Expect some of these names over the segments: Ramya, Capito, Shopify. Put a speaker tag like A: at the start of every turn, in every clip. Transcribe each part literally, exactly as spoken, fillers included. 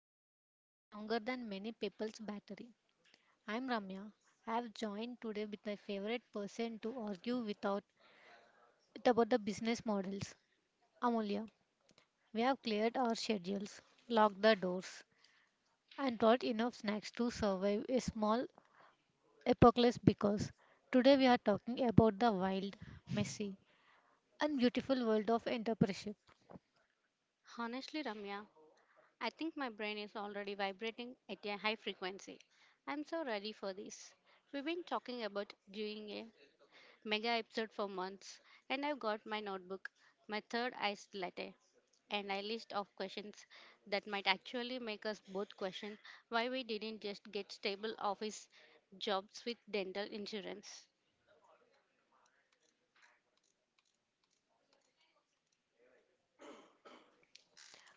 A: lasts so- longer than many people's battery. I'm Ramya. I have joined today with my favorite person to argue without with about the business models. Amulya, we have cleared our schedules, locked the doors, and brought enough snacks to survive a small apocalypse because today we are talking about the wild, messy, and beautiful world of entrepreneurship.
B: Honestly, Ramya, I think my brain is already vibrating at a high frequency. I'm so ready for this. We've been talking about doing a mega episode for months, and I've got my notebook, my third eyes latte, and a list of questions that might actually make us both question why we didn't just get stable office jobs with dental insurance.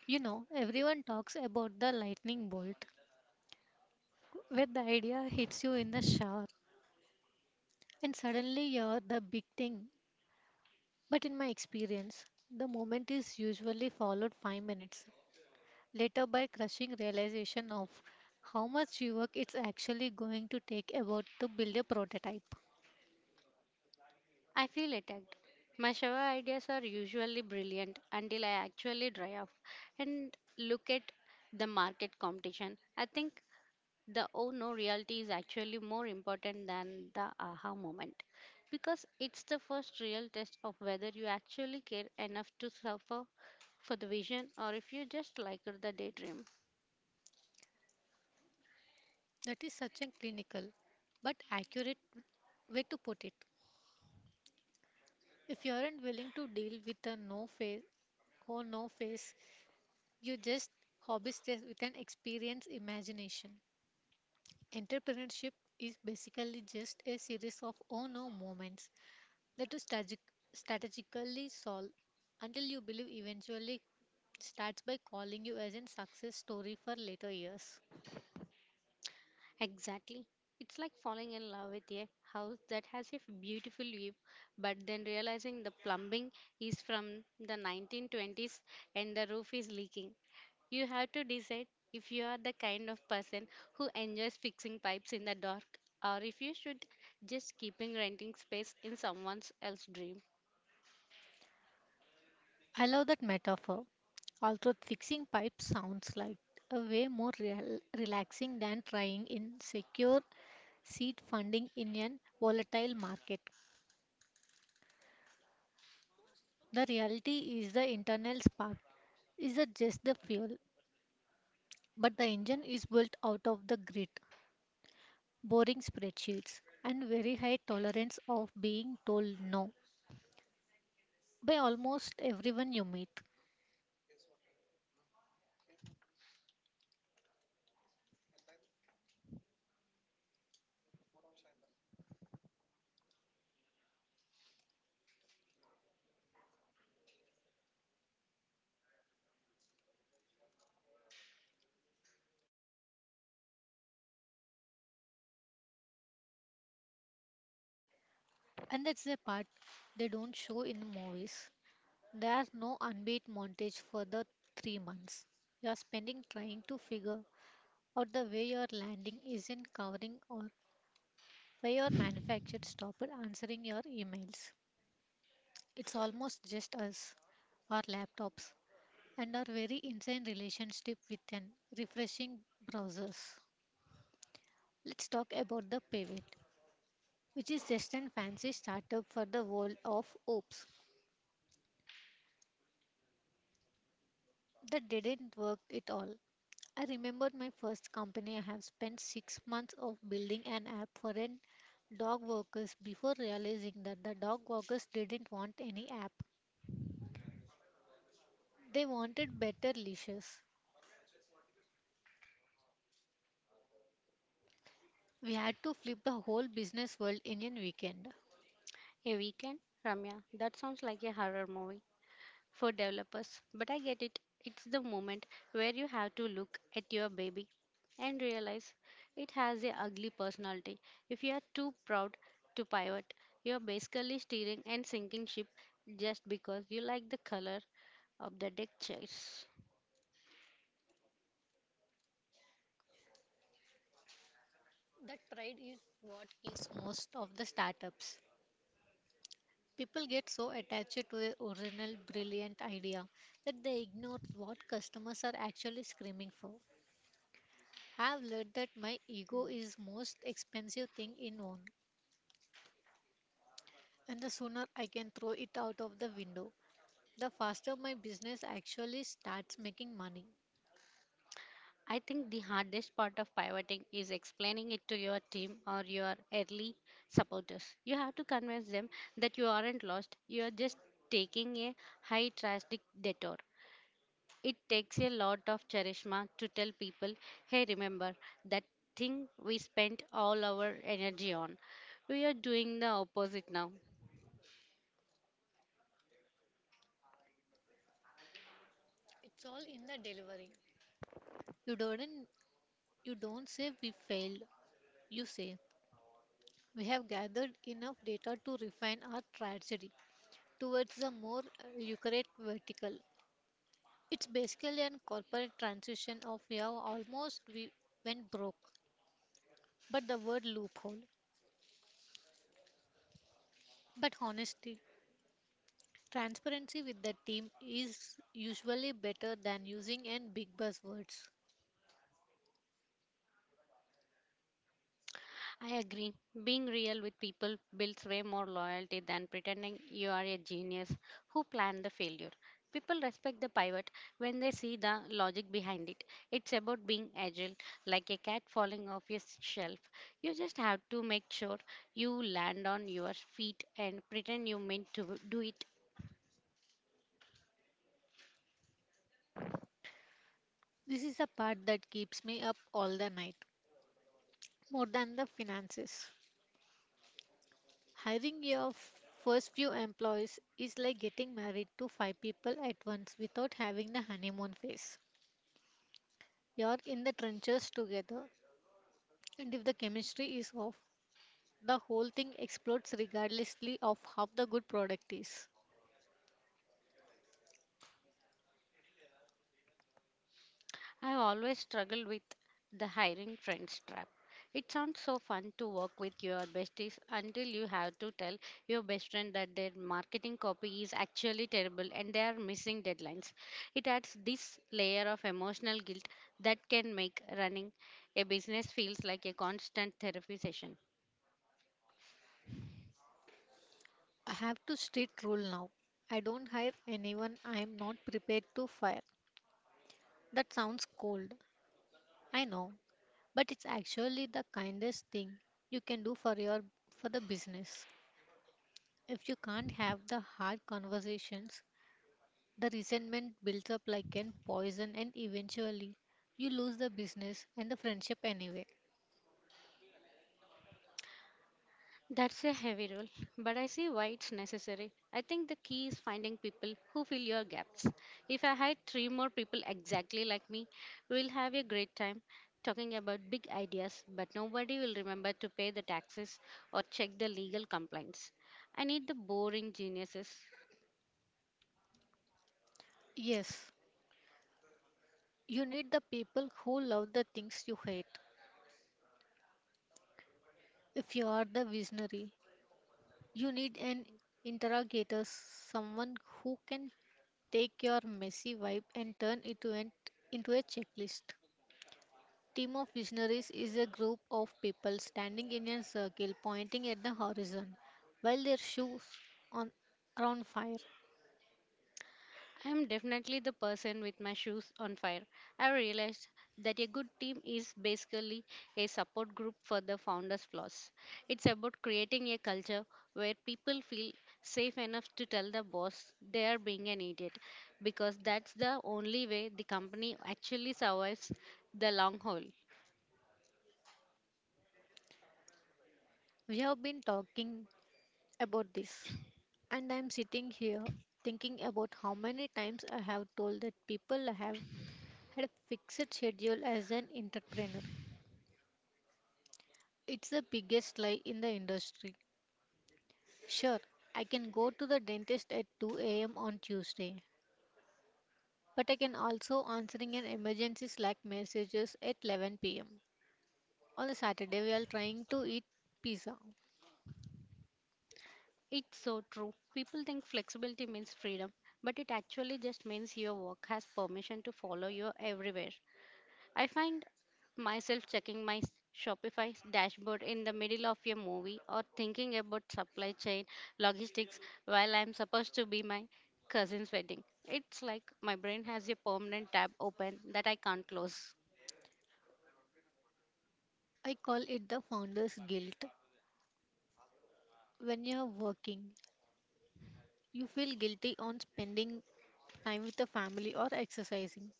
A: You know, everyone talks about the lightning bolt where the idea hits you in the shower. And suddenly you're the big thing. But in my experience, the moment is usually followed five minutes later by crushing realization of how much work it's actually going to take about to build a prototype.
B: I feel attacked. My shower ideas are usually brilliant until I actually dry off and look at the market competition. I think the oh no reality is actually more important than the aha moment because it's the first real test of whether you actually care enough to suffer for the vision or if you just like the daydream.
A: That is such a clinical but accurate way to put it. If you aren't willing to deal with a no face or no face, you just hobby stress with an experience imagination. Entrepreneurship is basically just a series of oh no moments that to strategic, strategically solve until you believe eventually starts by calling you as a success story for later years.
B: Exactly. It's like falling in love with a house that has a beautiful view, but then realizing the plumbing is from the nineteen twenties and the roof is leaking. You have to decide if you are the kind of person who enjoys fixing pipes in the dark or if you should just keeping renting space in someone else's dream.
A: I love that metaphor. Although fixing pipes sounds like a way more real, relaxing than trying in secure seed funding in an volatile market. The reality is the internal spark isn't just the fuel, but the engine is built out of the grit, boring spreadsheets, and very high tolerance of being told no by almost everyone you meet. And that's the part they don't show in the movies. There's no unbeat montage for the three months. You're spending trying to figure out the way your landing isn't covering or why your manufacturer stopped answering your emails. It's almost just us, our laptops, and our very insane relationship with an refreshing browsers. Let's talk about the pivot, which is just a fancy startup for the world of ops. That didn't work at all. I remember my first company, I have spent six months of building an app for an dog walkers before realizing that the dog walkers didn't want any app. They wanted better leashes. We had to flip the whole business world in a weekend.
B: A weekend? Ramya, that sounds like a horror movie for developers, but I get it. It's the moment where you have to look at your baby and realize it has a ugly personality. If you are too proud to pivot, you are basically steering and sinking ship just because you like the color of the deck chairs.
A: That pride is what kills most of the startups. People get so attached to their original brilliant idea that they ignore what customers are actually screaming for. Have learned that my ego is most expensive thing in own and the sooner I can throw it out of the window, the faster my business actually starts making money.
B: I think the hardest part of pivoting is explaining it to your team or your early supporters. You have to convince them that you aren't lost, you are just taking a high drastic detour. It takes a lot of charisma to tell people, hey, remember that thing we spent all our energy on. We are doing the opposite now.
A: It's all in the delivery. You don't you don't say we failed. You say we have gathered enough data to refine our strategy towards the more lucrative vertical. It's basically an corporate transition of we have almost we went broke, but the word loophole. But honesty, transparency with the team is usually better than using and big buzzwords.
B: I agree. Being real with people builds way more loyalty than pretending you are a genius who planned the failure. People respect the pivot when they see the logic behind it. It's about being agile, like a cat falling off a s- shelf. You just have to make sure you land on your feet and pretend you meant to do it.
A: This is the part that keeps me up all the night, more than the finances. Hiring your f- first few employees is like getting married to five people at once without having the honeymoon phase. You're in the trenches together, and if the chemistry is off, the whole thing explodes regardlessly of how the good product is.
B: I always struggle with the hiring friends trap. It sounds so fun to work with your besties until you have to tell your best friend that their marketing copy is actually terrible and they are missing deadlines. It adds this layer of emotional guilt that can make running a business feels like a constant therapy session.
A: I have to street rule now. I don't hire anyone I am not prepared to fire. That sounds cold. I know, but it's actually the kindest thing you can do for your for the business. If you can't have the hard conversations, the resentment builds up like an poison and eventually you lose the business and the friendship anyway.
B: That's a heavy role, but I see why it's necessary. I think the key is finding people who fill your gaps. If I hire three more people exactly like me, we'll have a great time talking about big ideas, but nobody will remember to pay the taxes or check the legal complaints. I need the boring geniuses.
A: Yes, you need the people who love the things you hate. If you are the visionary, you need an interrogator, someone who can take your messy vibe and turn it to an, into a checklist. Team of visionaries is a group of people standing in a circle pointing at the horizon while their shoes on are on fire.
B: I am definitely the person with my shoes on fire. I realized that a good team is basically a support group for the founder's flaws. It's about creating a culture where people feel safe enough to tell the boss they are being an idiot because that's the only way the company actually survives the long haul.
A: We have been talking about this and I'm sitting here thinking about how many times I have told that people have had a fixed schedule as an entrepreneur. It's the biggest lie in the industry. Sure, I can go to the dentist at two a m on Tuesday, but I can also answering an emergency Slack messages at eleven p m on a Saturday we are trying to eat pizza.
B: It's so true. People think flexibility means freedom, but it actually just means your work has permission to follow you everywhere. I find myself checking my s- Shopify dashboard in the middle of a movie or thinking about supply chain logistics while I'm supposed to be my cousin's wedding. It's like my brain has a permanent tab open that I can't close.
A: I call it the founder's guilt. When you are working, you feel guilty on spending time with the family or exercising.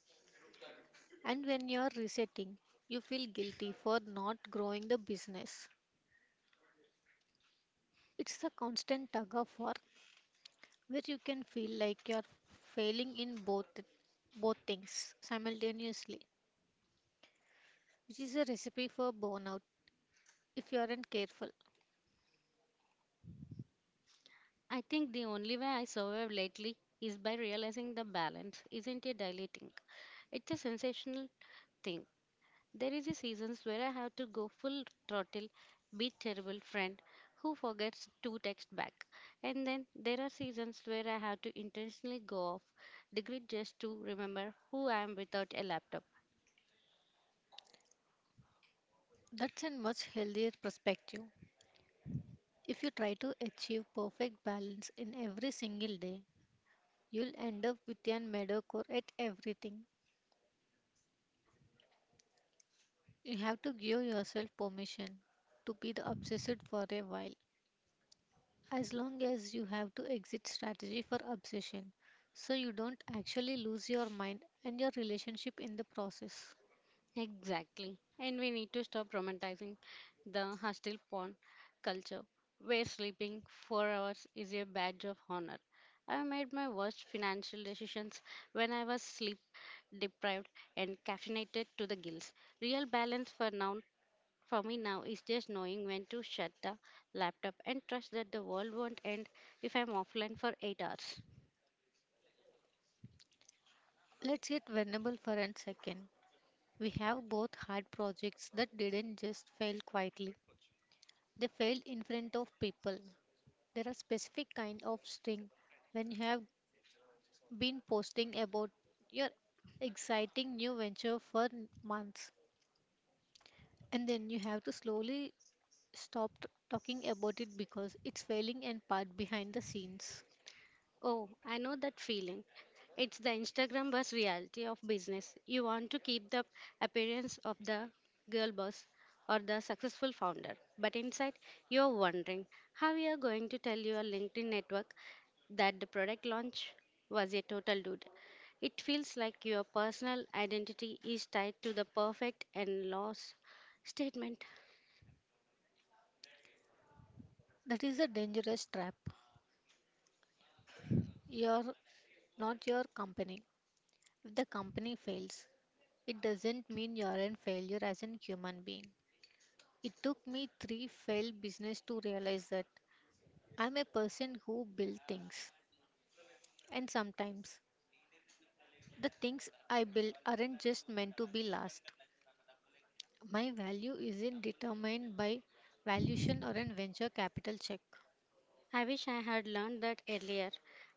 A: And when you are resetting, you feel guilty for not growing the business. It's a constant tug of war where you can feel like you're failing in both both things simultaneously, which is a recipe for burnout if you aren't careful.
B: I think the only way I survive lately is by realizing the balance isn't a daily thing. It's a sensational thing. There is a seasons where I have to go full throttle, be terrible friend who forgets to text back. And then there are seasons where I have to intentionally go off the grid just to remember who I am without a laptop.
A: That's a much healthier perspective. If you try to achieve perfect balance in every single day, you'll end up with a mediocre at everything. You have to give yourself permission to be the obsessed for a while, as long as you have to exit strategy for obsession so you don't actually lose your mind and your relationship in the process.
B: Exactly. And we need to stop romanticizing the hostile porn culture where sleeping four hours is a badge of honor. I made my worst financial decisions when I was sleep deprived and caffeinated to the gills. Real balance for now, for me now, is just knowing when to shut the laptop and trust that the world won't end if I'm offline for eight hours.
A: Let's get vulnerable for a second. We have both had projects that didn't just fail quietly. They failed in front of people. There are specific kind of sting when you have been posting about your exciting new venture for months and then you have to slowly stopped talking about it because it's failing and part behind the scenes.
B: Oh, I know that feeling. It's the Instagram boss reality of business. You want to keep the appearance of the girl boss or the successful founder, but inside you're wondering how you're going to tell your LinkedIn network that the product launch was a total dude. It feels like your personal identity is tied to the perfect and loss statement.
A: That is a dangerous trap. You're not your company. If the company fails, it doesn't mean you're a failure as a human being. It took me three failed business to realize that I'm a person who builds things. And sometimes the things I build aren't just meant to be last. My value isn't determined by valuation or a venture capital check.
B: I wish I had learned that earlier.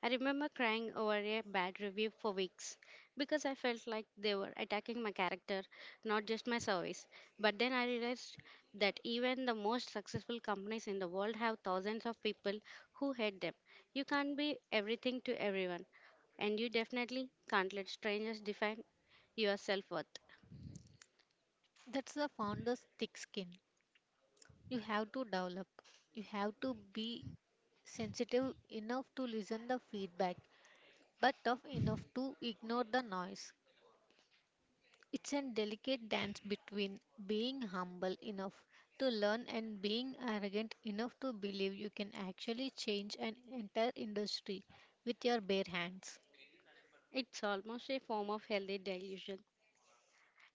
B: I remember crying over a bad review for weeks because I felt like they were attacking my character, not just my service. But then I realized that even the most successful companies in the world have thousands of people who hate them. You can't be everything to everyone, and you definitely can't let strangers define your self worth.
A: That's the founder's thick skin. You have to develop. You have to be sensitive enough to listen the feedback, but tough enough to ignore the noise. It's a delicate dance between being humble enough to learn and being arrogant enough to believe you can actually change an entire industry with your bare hands.
B: It's almost a form of healthy delusion.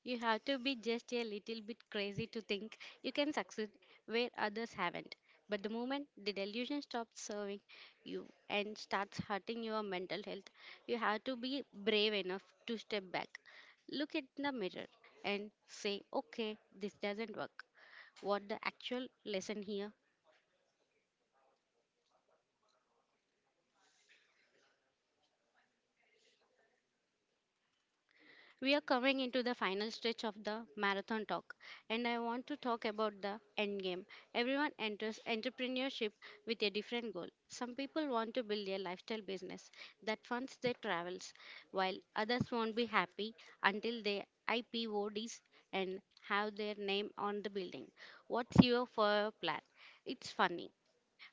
B: You have to be just a little bit crazy to think you can succeed where others haven't. But the moment the delusion stops serving you and starts hurting your mental health, you have to be brave enough to step back, look at the mirror, and say, okay, this doesn't work. What the actual lesson here? We are coming into the final stretch of the marathon talk, and I want to talk about the end game. Everyone enters entrepreneurship with a different goal. Some people want to build a lifestyle business that funds their travels, while others won't be happy until they I P O Ds and have their name on the building. What's your for plan? It's funny,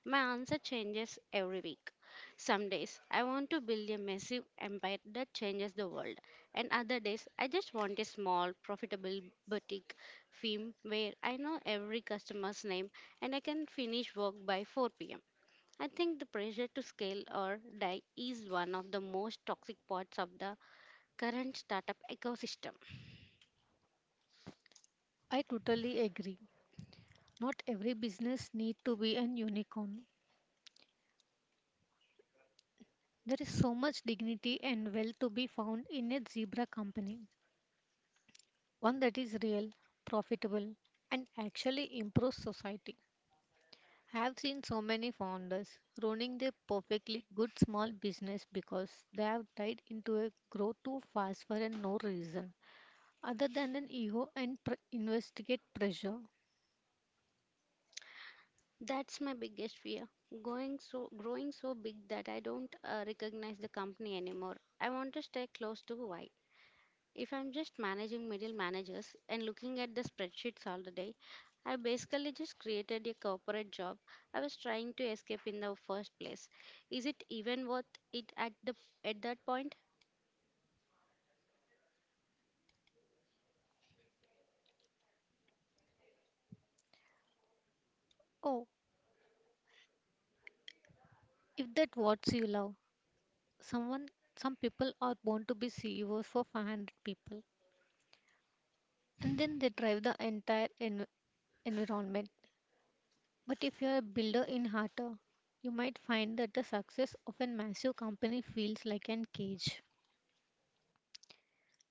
B: my answer changes every week. Some days I want to build a massive empire that changes the world, and other days I just want a small, profitable boutique firm where I know every customer's name and I can finish work by four p m. I think the pressure to scale or die is one of the most toxic parts of the current startup ecosystem.
A: I totally agree. Not every business need to be an unicorn. There is so much dignity and wealth to be found in a zebra company, one that is real, profitable, and actually improves society. I have seen so many founders ruining their perfectly good small business because they have tied into a growth too fast for a no reason other than an ego and pr- investigate pressure.
B: That's my biggest fear. Going so growing so big that I don't uh, recognize the company anymore. I want to stay close to why. If I'm just managing middle managers and looking at the spreadsheets all the day, I basically just created a corporate job I was trying to escape in the first place. Is it even worth it at the at that point?
A: Oh, if that what you love, someone, some people are born to be C E Os for five hundred people, and then they drive the entire en- environment. But if you're a builder in Hata, you might find that the success of a massive company feels like an cage.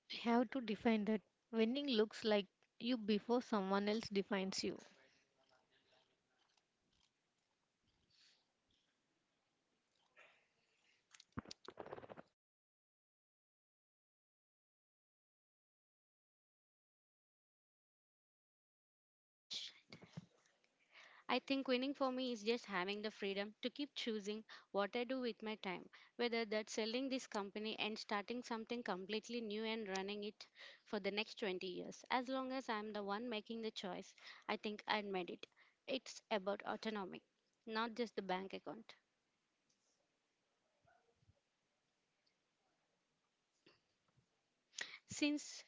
A: You have to define that. Winning looks like you before someone else defines you.
B: I think winning for me is just having the freedom to keep choosing what I do with my time, whether that's selling this company and starting something completely new and running it for the next twenty years. As long as I'm the one making the choice, I think I'd made it. It's about autonomy, not just the bank account. Since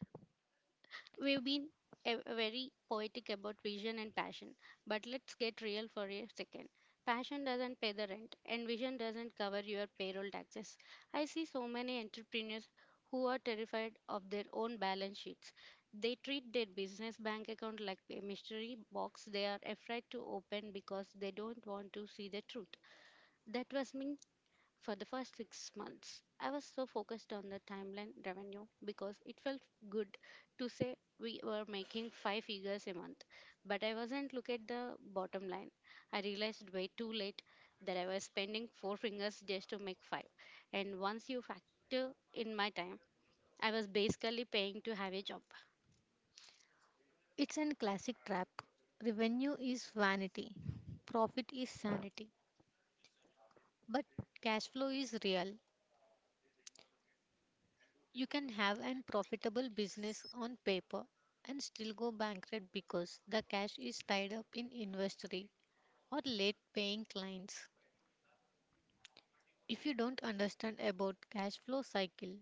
B: We've been a- very poetic about vision and passion, but let's get real for a second. Passion doesn't pay the rent, and vision doesn't cover your payroll taxes. I see so many entrepreneurs who are terrified of their own balance sheets. They treat their business bank account like a mystery box they are afraid to open because they don't want to see the truth. That was me for the first six months. I was so focused on the timeline revenue because it felt good to say we were making five figures a month. But I wasn't look at the bottom line. I realized way too late that I was spending four fingers just to make five. And once you factor in my time, I was basically paying to have a job.
A: It's a classic trap. Revenue is vanity, profit is sanity, but cash flow is real. You can have an profitable business on paper and still go bankrupt because the cash is tied up in inventory or late paying clients. If you don't understand about cash flow cycle,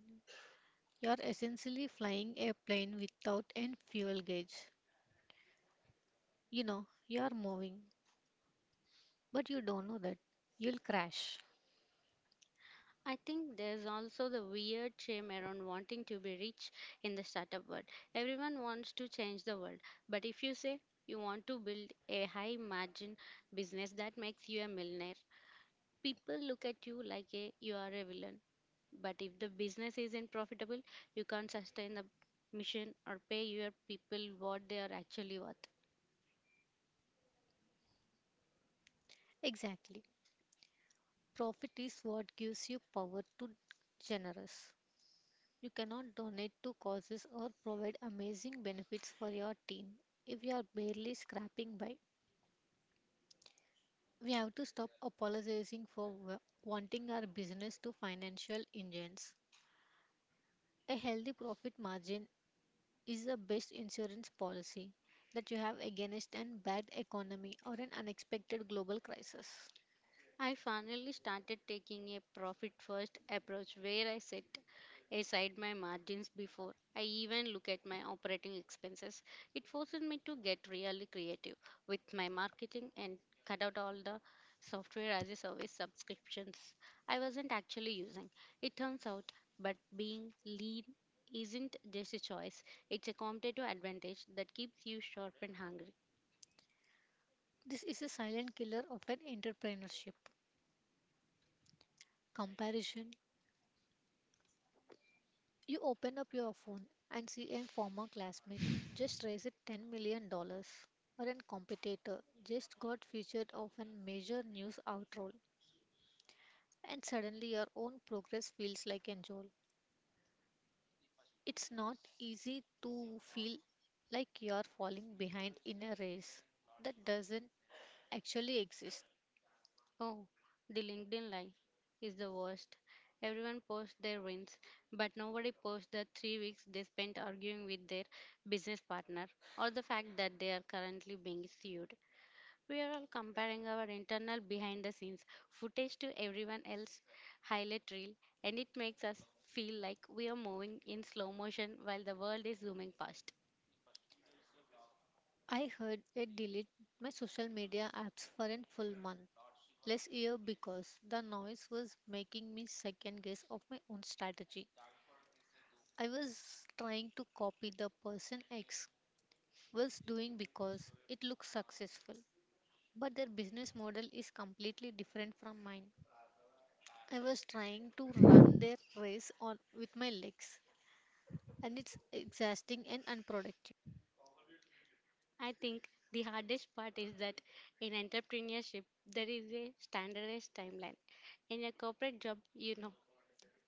A: you are essentially flying a plane without an fuel gauge. You know, you are moving, but you don't know that you'll crash.
B: I think there's also the weird shame around wanting to be rich in the startup world. Everyone wants to change the world, but if you say you want to build a high margin business that makes you a millionaire, people look at you like a, you are a villain. But if the business isn't profitable, you can't sustain the mission or pay your people what they are actually worth.
A: Exactly. Profit is what gives you power to generous. You cannot donate to causes or provide amazing benefits for your team if you are barely scraping by. We have to stop apologizing for wa- wanting our business to financial engines. A healthy profit margin is the best insurance policy that you have against an bad economy or an unexpected global crisis.
B: I finally started taking a profit first approach where I set aside my margins before I even look at my operating expenses. It forces me to get really creative with my marketing and cut out all the software as a service subscriptions I wasn't actually using. It turns out, but being lean isn't just a choice, it's a competitive advantage that keeps you sharp and hungry.
A: This is a silent killer of an entrepreneurship. Comparison. You open up your phone and see a former classmate just raised ten million dollars, dollars, or a competitor just got featured of a major news outroll, and suddenly your own progress feels like a jolt. It's not easy to feel like you're falling behind in a race that doesn't actually exist.
B: Oh, the LinkedIn life is the worst. Everyone posts their wins, but nobody posts the three weeks they spent arguing with their business partner or the fact that they are currently being sued. We are all comparing our internal behind the scenes footage to everyone else's highlight reel, and it makes us feel like we are moving in slow motion while the world is zooming past.
A: I heard it delete my social media apps for a full month last year because the noise was making me second guess of my own strategy. I was trying to copy the person X was doing because it looks successful, but their business model is completely different from mine. I was trying to run their race on with my legs and it's exhausting and unproductive.
B: I think the hardest part is that in entrepreneurship, there is a standardized timeline. In a corporate job, you know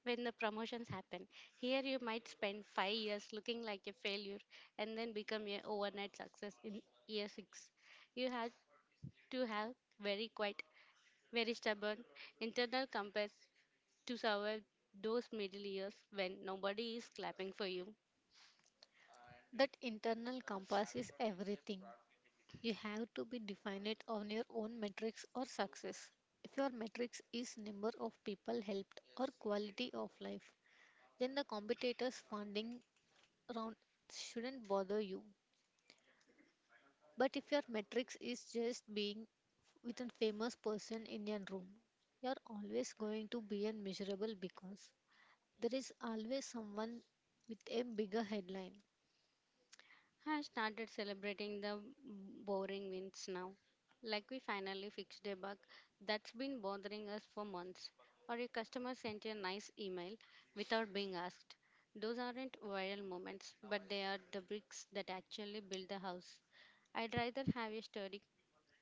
B: when the promotions happen. Here, you might spend five years looking like a failure and then become a overnight success in year six. You have to have very quiet, very stubborn internal compass to survive those middle years when nobody is clapping for you.
A: That internal compass is everything. You have to be definite on your own metrics or success. If your metrics is number of people helped or quality of life, then the competitors funding round shouldn't bother you. But if your metrics is just being with a famous person in your room, you're always going to be unmeasurable because there is always someone with a bigger headline.
B: I started celebrating the boring wins now. Like we finally fixed a bug that's been bothering us for months, or a customer sent a nice email without being asked. Those aren't viral moments, but they are the bricks that actually build the house. I'd rather have a sturdy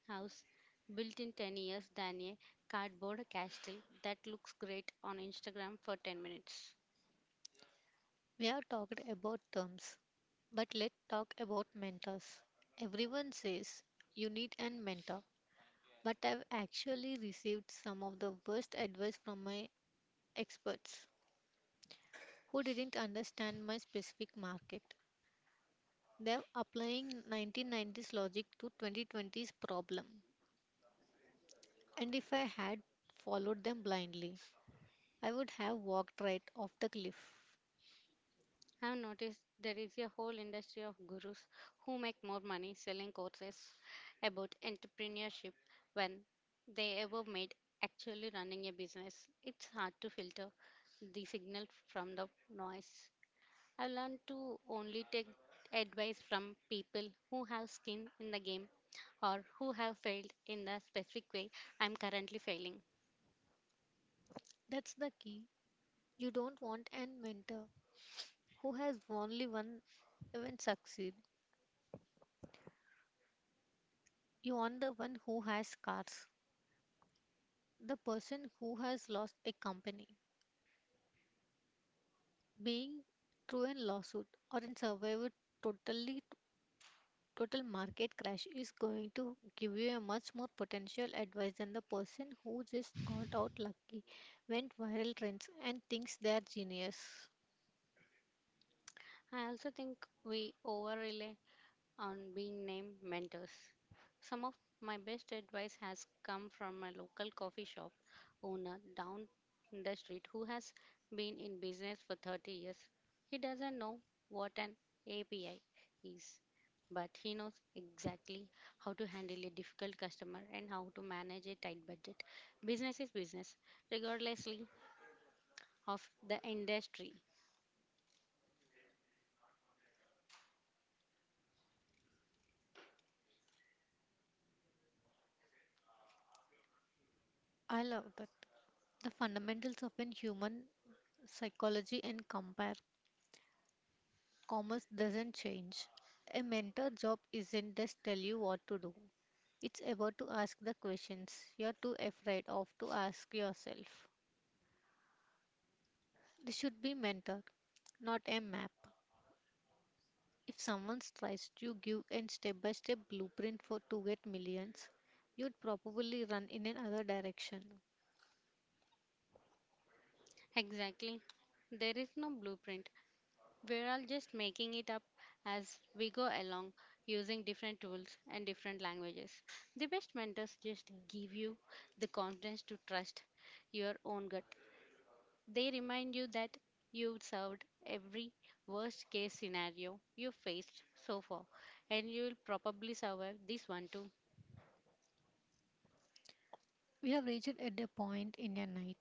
B: house built in ten years than a cardboard castle that looks great on Instagram for ten minutes.
A: We have talked about terms but let's talk about mentors. Everyone says you need a mentor, but I've actually received some of the worst advice from my experts who didn't understand my specific market. They're applying nineteen nineties logic to twenty twenties problem, and if I had followed them blindly, I would have walked right off the cliff.
B: I've noticed there is a whole industry of gurus who make more money selling courses about entrepreneurship when they ever made actually running a business. It's hard to filter the signal from the noise. I've learned to only take advice from people who have skin in the game or who have failed in the specific way I'm currently failing.
A: That's the key. You don't want a mentor who has only one event succeed. You want the one who has scars. The person who has lost a company being through a lawsuit or in survived totally total market crash is going to give you a much more potential advice than the person who just got out lucky went viral trends and thinks they are genius.
B: I also think we over rely on being named mentors. Some of my best advice has come from my local coffee shop owner down the street who has been in business for thirty years. He doesn't know what an A P I is, but he knows exactly how to handle a difficult customer and how to manage a tight budget. Business is business, regardlessly of the industry.
A: I love that. The fundamentals of an human psychology and compare commerce doesn't change. A mentor job isn't just tell you what to do. It's about to ask the questions you're too afraid of to ask yourself. This should be mentor, not a map. If someone tries to give a step-by-step blueprint for to get millions, you'd probably run in another direction.
B: Exactly. There is no blueprint. We're all just making it up as we go along, using different tools and different languages. The best mentors just give you the confidence to trust your own gut. They remind you that you've served every worst case scenario you faced so far, and you'll probably survive this one too.
A: We have reached at a point in a night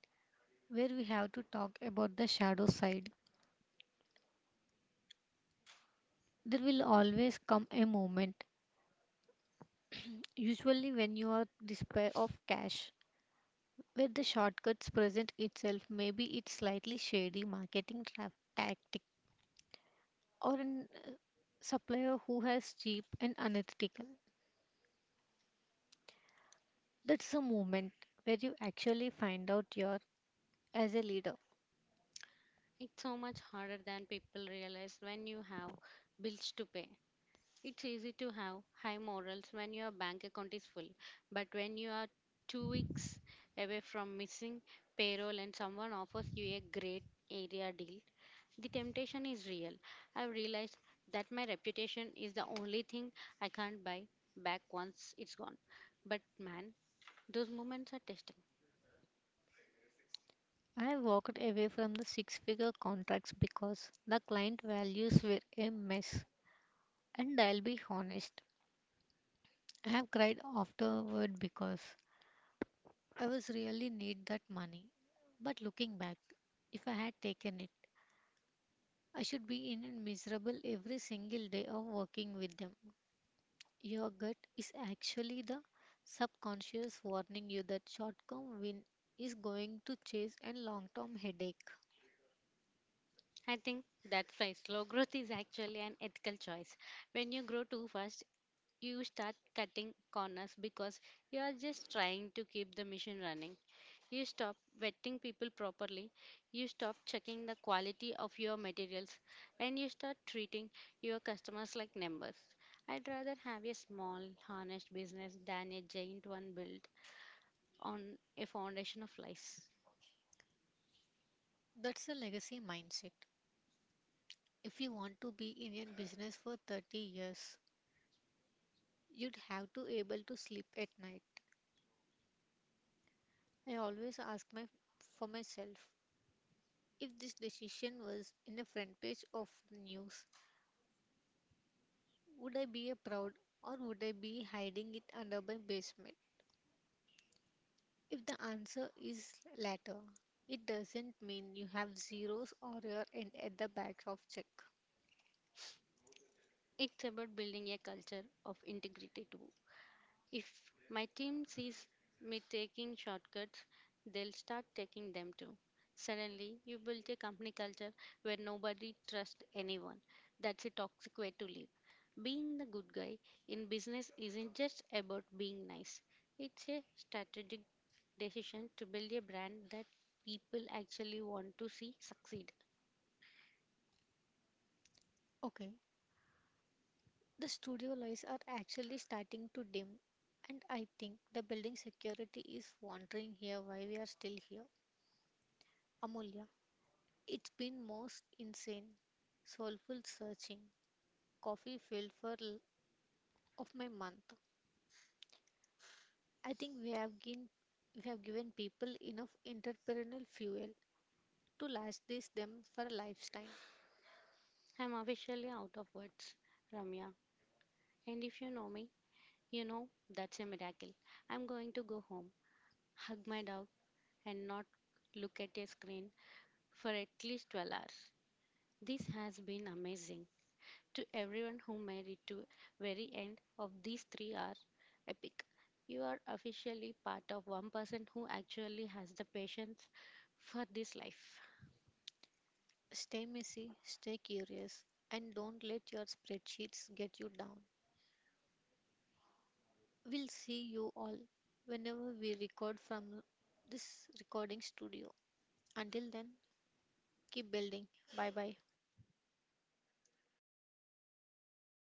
A: where we have to talk about the shadow side. There will always come a moment, usually when you are despair of cash, with the shortcuts present itself, maybe it's slightly shady marketing tra- tactic or an uh, supplier who has cheap and unethical. That's the moment where you actually find out your as a leader.
B: It's so much harder than people realize. When you have bills to pay, it's easy to have high morals when your bank account is full, but when you are two weeks away from missing payroll and someone offers you a great area deal, the temptation is real. I've realized that my reputation is the only thing I can't buy back once it's gone. But man, those moments are testing.
A: I walked away from the six figure contracts because the client values were a mess. And I'll be honest, I have cried afterward because I was really need that money. But looking back, if I had taken it, I should be in and miserable every single day of working with them. Your gut is actually the subconscious warning you that short term win is going to chase and long term headache.
B: I think that's why slow growth is actually an ethical choice. When you grow too fast, you start cutting corners because you are just trying to keep the machine running. You stop vetting people properly, you stop checking the quality of your materials, and you start treating your customers like numbers. I'd rather have a small, honest business than a giant one built on a foundation of lies.
A: That's a legacy mindset. If you want to be in your business for thirty years, you'd have to able to sleep at night. I always ask my for myself, if this decision was in a front page of news, would I be a proud or would I be hiding it under my basement? If the answer is latter, it doesn't mean you have zeros or your end at the back of check.
B: It's about building a culture of integrity too. If my team sees me taking shortcuts, they'll start taking them too. Suddenly, you build a company culture where nobody trusts anyone. That's a toxic way to live. Being the good guy in business isn't just about being nice, it's a strategic decision to build a brand that people actually want to see succeed.
A: Okay, the studio lights are actually starting to dim, and I think the building security is wondering here why we are still here. Amulya, it's been most insane, soulful searching, coffee filled for l- of my month. I think we have given we have given people enough entrepreneurial fuel to last this them for a lifetime.
B: I'm officially out of words, Ramya. And if you know me, you know that's a miracle. I'm going to go home, hug my dog, and not look at a screen for at least twelve hours. This has been amazing. To everyone who made it to very end of these three hour epic, you are officially part of one person who actually has the patience for this life.
A: Stay messy, stay curious, and don't let your spreadsheets get you down. We'll see you all whenever we record from this recording studio. Until then, keep building. Bye bye.